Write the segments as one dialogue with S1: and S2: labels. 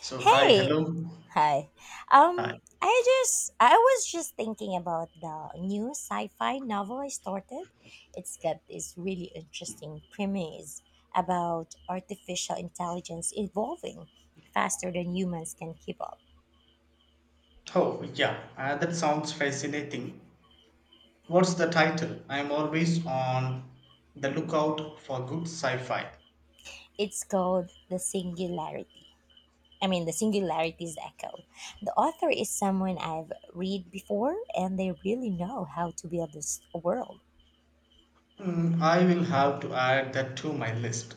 S1: So, hi,
S2: Hey,
S1: hello.
S2: hi. Um,
S1: Hi.
S2: I was just thinking about the new sci-fi novel I started. It's got this really interesting premise about artificial intelligence evolving faster than humans can keep up.
S1: Oh, yeah, that sounds fascinating. What's the title? I'm always on the lookout for good sci fi.
S2: It's called The Singularity. I mean, The Singularity's Echo. The author is someone I've read before, and they really know how to build this world.
S1: Hmm, I will have to add that to my list.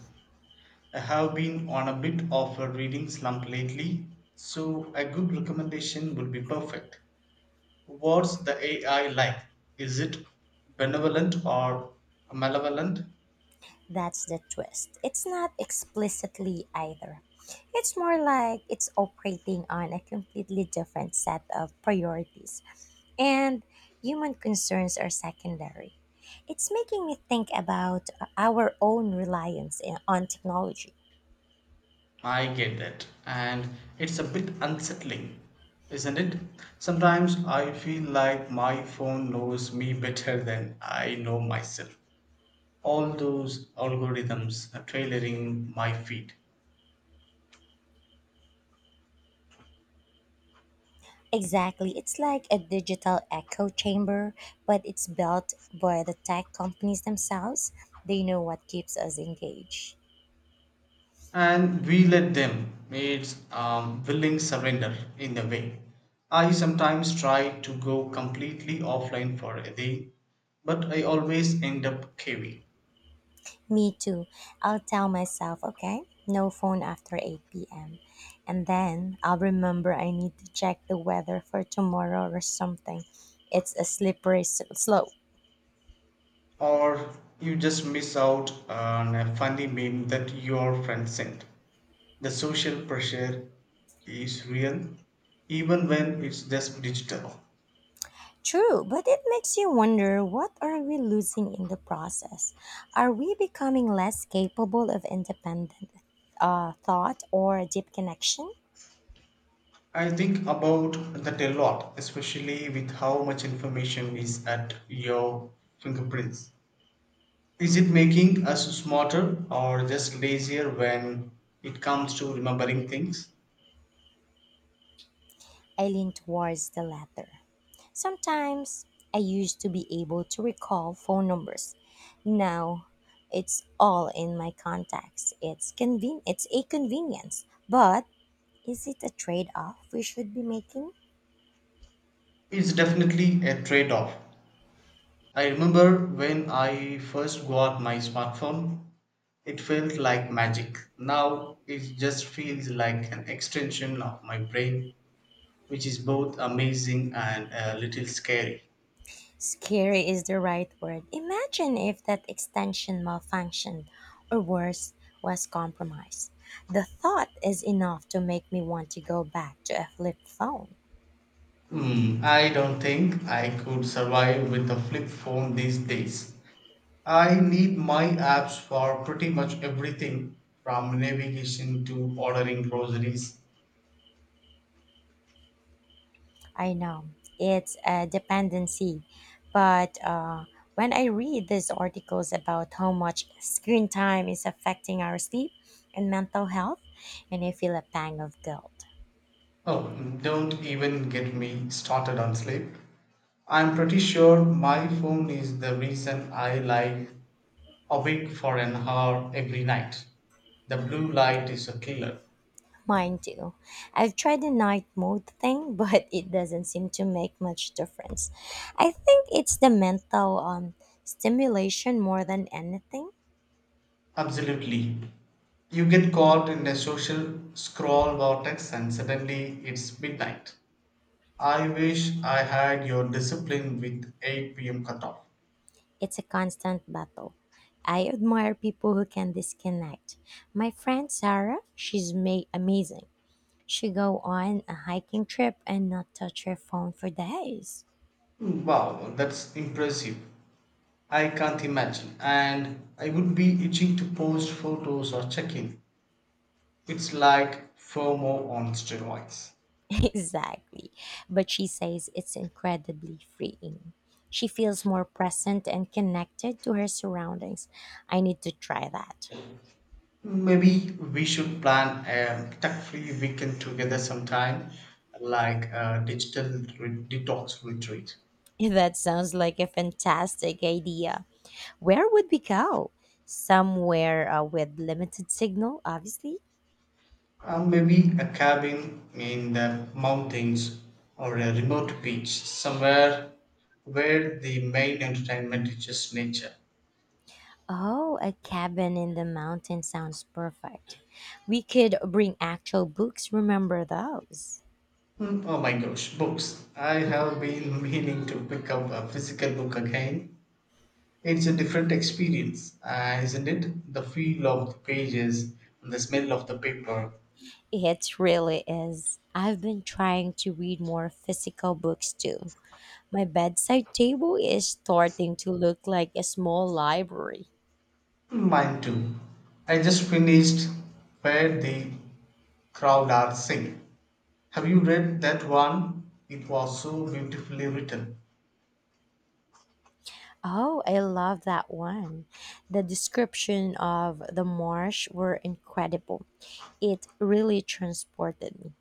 S1: I have been on a bit of a reading slump lately, so a good recommendation would be perfect. What's the AI like? Is it benevolent or malevolent?
S2: That's the twist. It's not explicitly either. It's more like it's operating on a completely different set of priorities, and human concerns are secondary. It's making me think about our own on technology.
S1: I get that. And it's a bit unsettling, isn't it? Sometimes I feel like my phone knows me better than I know myself. All those algorithms are tailoring my feed.
S2: Exactly. It's like a digital echo chamber, but it's built by the tech companies themselves. They know what keeps us engaged.
S1: And we let them. It's willing surrender in a way. I sometimes try to go completely offline for a day, but I always end up caving.
S2: Me too. I'll tell myself, okay, no phone after 8 p.m. And then I'll remember I need to check the weather for tomorrow or something. It's a slope.
S1: Or you just miss out on a funny meme that your friend sent. The social pressure is real, even when it's just digital.
S2: True, but it makes you wonder, what are we losing in the process? Are we becoming less capable of independent thought or deep connection?
S1: I think about that a lot, especially with how much information is at your fingerprints. Is it making us smarter or just lazier when it comes to remembering things?
S2: I lean towards the latter. Sometimes I used to be able to recall phone numbers. Now it's all in my contacts. It's a convenience, but is it a trade-off we should be making?
S1: It's definitely a trade off. I remember when I first got my smartphone, it felt like magic. Now it just feels like an extension of my brain, which is both amazing and a little scary.
S2: Scary is the right word. Imagine if that extension malfunctioned or worse was compromised. The thought is enough to make me want to go back to a flip phone.
S1: Hmm, I don't think I could survive with a flip phone these days. I need my apps for pretty much everything from navigation to ordering groceries.
S2: I know it's a dependency, but when I read these articles about how much screen time is affecting our sleep and mental health, and I feel a pang of guilt.
S1: Oh, don't even get me started on sleep. I'm pretty sure my phone is the reason I lie awake for an hour every night. The blue light is a killer.
S2: Mine too. I've tried the night mode thing, but it doesn't seem to make much difference. I think it's the mental stimulation more than anything.
S1: Absolutely. You get caught in a social scroll vortex and suddenly it's midnight. I wish I had your discipline with 8 p.m. cutoff.
S2: It's a constant battle. I admire people who can disconnect. My friend Sarah, amazing. She go on a hiking trip and not touch her phone for days.
S1: Wow, that's impressive. I can't imagine. And I would be itching to post photos or check in. It's like FOMO on steroids.
S2: Exactly. But she says it's incredibly freeing. She feels more present and connected to her surroundings. I need to try that.
S1: Maybe we should plan a tech free weekend together sometime, like a digital detox retreat.
S2: That sounds like a fantastic idea. Where would we go? Somewhere with limited signal, obviously.
S1: Maybe a cabin in the mountains or a remote beach somewhere where the main entertainment is just nature.
S2: Oh, a cabin in the mountain sounds perfect. We could bring actual books, remember those?
S1: Hmm, oh my gosh, books. I have been meaning to pick up a physical book again. It's a different experience, isn't it? The feel of the pages and the smell of the paper.
S2: It really is. I've been trying to read more physical books too. My bedside table is starting to look like a small library.
S1: Mine too. I just finished Where the Crowd Are Sing. Have you read that one? It was so beautifully written.
S2: Oh, I love that one. The description of the marsh were incredible. It really transported me.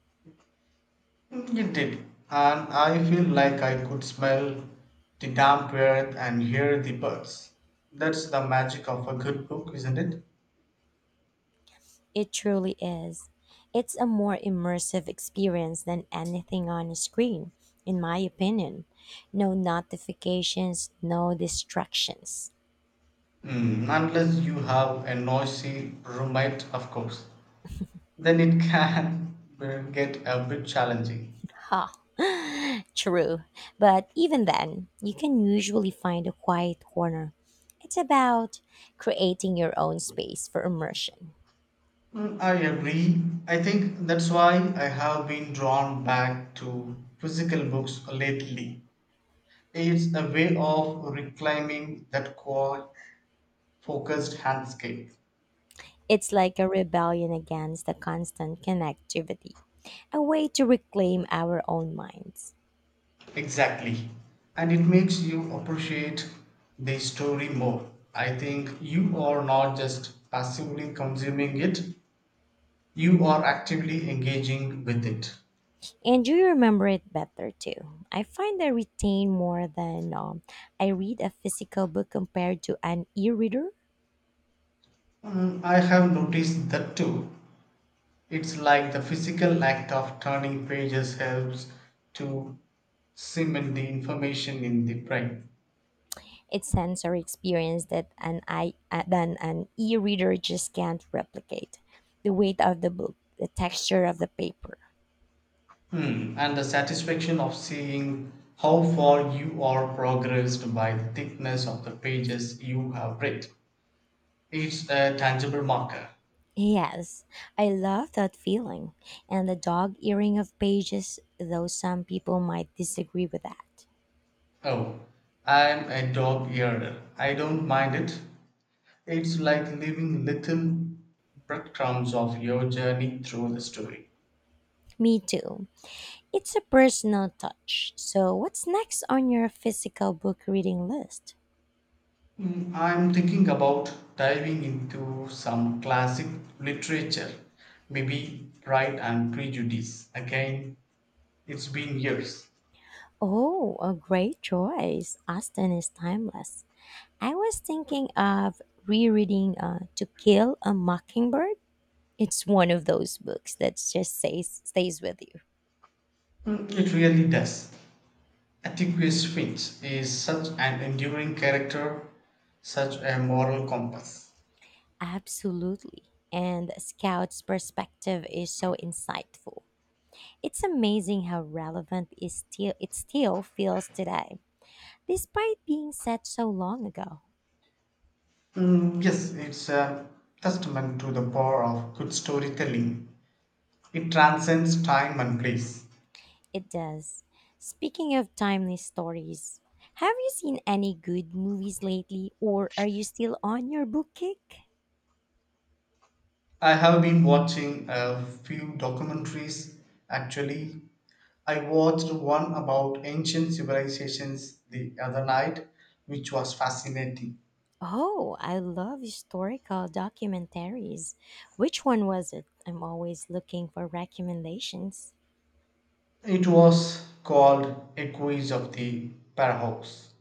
S1: It did, and I feel like I could smell the damp earth and hear the birds. That's the magic of a good book, isn't it?
S2: It truly is. It's a more immersive experience than anything on a screen, in my opinion. No notifications, no distractions.
S1: Mm, unless you have a noisy roommate, of course. Then it can get a bit challenging.
S2: Ha, true. But even then, you can usually find a quiet corner. It's about creating your own space for immersion.
S1: Mm, I agree. I think that's why I have been drawn back to physical books lately. It's a way of reclaiming that quiet, focused handscape.
S2: It's like a rebellion against the constant connectivity, a way to reclaim our own minds.
S1: Exactly. And it makes you appreciate the story more. I think you are not just passively consuming it, you are actively engaging with it.
S2: And you remember it better too. I find I retain more than I read a physical book compared to an e-reader.
S1: Mm, I have noticed that too. It's like the physical act of turning pages helps to cement the information in the brain.
S2: It's sensory experience that an I than an e-reader just can't replicate. The weight of the book, the texture of the paper.
S1: Hmm, and the satisfaction of seeing how far you are progressed by the thickness of the pages you have read. It's a tangible marker.
S2: Yes, I love that feeling, and the dog earring of pages. Though some people might disagree with that.
S1: Oh, I'm a dog earer. I don't mind it. It's like leaving little breadcrumbs of your journey through the story.
S2: Me too. It's a personal touch. So, what's next on your physical book reading list?
S1: Mm, I'm thinking about diving into some classic literature, maybe Pride and Prejudice. Again, it's been years.
S2: Oh, a great choice. Austen is timeless. I was thinking of rereading To Kill a Mockingbird. It's one of those books that just stays with you.
S1: Mm, it really does. Atticus Finch is such an enduring character, such a moral compass.
S2: Absolutely. And Scout's perspective is so insightful. It's amazing how it still feels today, despite being set so long ago.
S1: Mm, yes, it's a testament to the power of good storytelling. It transcends time and place.
S2: It does. Speaking of timely stories, have you seen any good movies lately, or are you still on your book kick?
S1: I have been watching a few documentaries actually. I watched one about ancient civilizations the other night, which was fascinating.
S2: Oh, I love historical documentaries. Which one was it? I'm always looking for recommendations.
S1: It was called Echoes of the Paradox.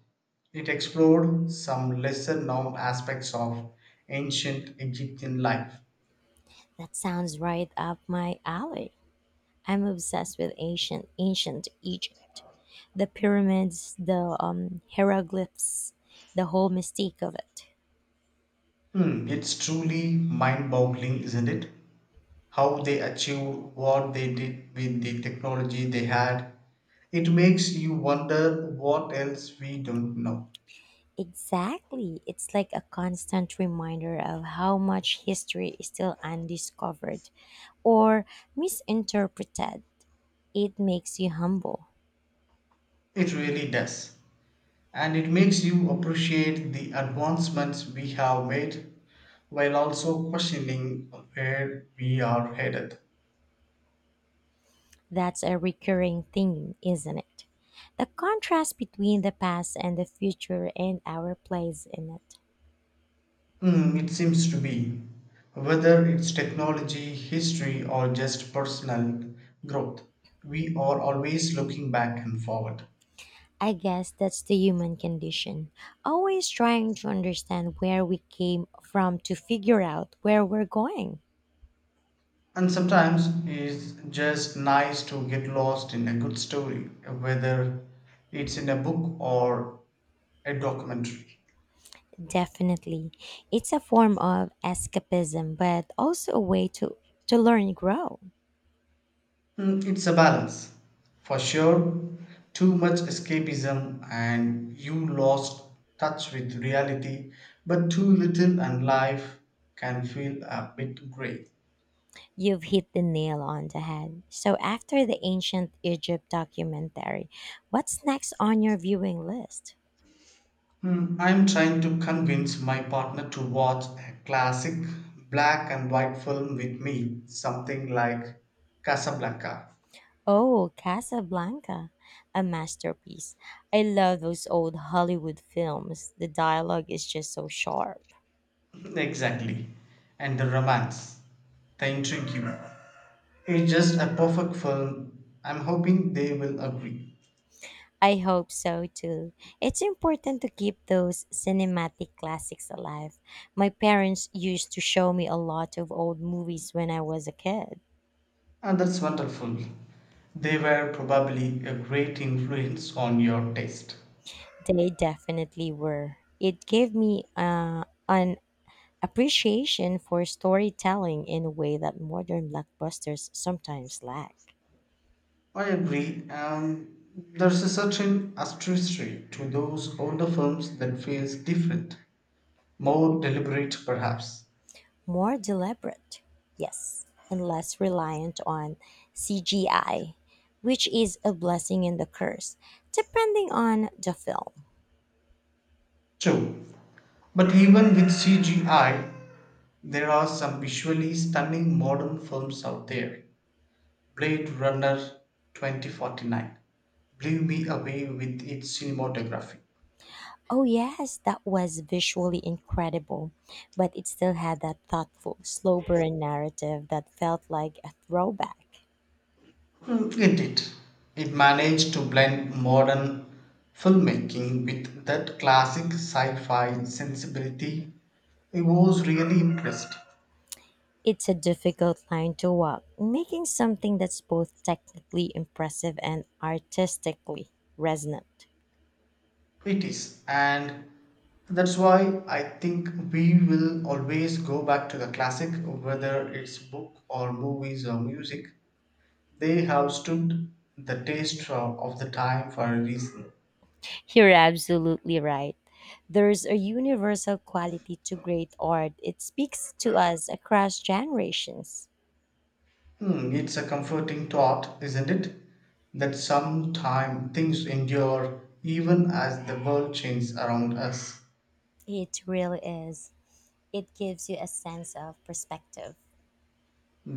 S1: It explored some lesser known aspects of ancient Egyptian life.
S2: That sounds right up my alley. I'm obsessed with ancient Egypt. The pyramids, the hieroglyphs, the whole mystique of it.
S1: Hmm, it's truly mind boggling, isn't it? How they achieved what they did with the technology they had. It makes you wonder what else we don't know.
S2: Exactly. It's like a constant reminder of how much history is still undiscovered or misinterpreted. It makes you humble.
S1: It really does. And it makes you appreciate the advancements we have made while also questioning where we are headed.
S2: That's a recurring theme, isn't it? The contrast between the past and the future and our place in it.
S1: Hmm, it seems to be. Whether it's technology, history, or just personal growth, we are always looking back and forward.
S2: I guess that's the human condition, always trying to understand where we came from to figure out where we're going.
S1: And sometimes it's just nice to get lost in a good story, whether it's in a book or a documentary.
S2: Definitely. It's a form of escapism, but also a way to learn and grow.
S1: Mm, it's a balance. For sure, too much escapism and you lost touch with reality, but too little and life can feel a bit grey.
S2: You've hit the nail on the head. So, after the ancient Egypt documentary, what's next on your viewing list?
S1: Mm, I'm trying to convince my partner to watch a classic black and white film with me, something like Casablanca.
S2: Oh, Casablanca, a masterpiece. I love those old Hollywood films. The dialogue is just so sharp.
S1: Exactly. And the romance, the intrigue. It's just a perfect film. I'm hoping they will agree.
S2: I hope so too. It's important to keep those cinematic classics alive. My parents used to show me a lot of old movies when I was a kid.
S1: And that's wonderful. They were probably a great influence on your taste.
S2: They definitely were. It gave me an appreciation for storytelling in a way that modern blockbusters sometimes lack.
S1: I agree. There's a certain artistry to those older films that feels different, more deliberate perhaps.
S2: More deliberate, yes, and less reliant on CGI, which is a blessing and a curse, depending on the film.
S1: True. But even with CGI, there are some visually stunning modern films out there. Blade Runner 2049 blew me away with its cinematography.
S2: Oh, yes, that was visually incredible, but it still had that thoughtful, slow burn narrative that felt like a throwback.
S1: Mm, it did. It managed to blend modern filmmaking with that classic sci fi sensibility. I was really impressed.
S2: It's a difficult line to walk, making something that's both technically impressive and artistically resonant.
S1: It is, and that's why I think we will always go back to the classic, whether it's book or movies or music. They have stood the taste of the time for a reason.
S2: You're absolutely right. There's a universal quality to great art, it speaks to us across generations.
S1: Hmm, it's a comforting thought, isn't it? That sometime things endure even as the world changes around us.
S2: It really is, it gives you a sense of perspective,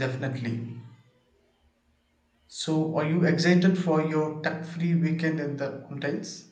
S1: Definitely. So, are you excited for your tuck free weekend in the mountains?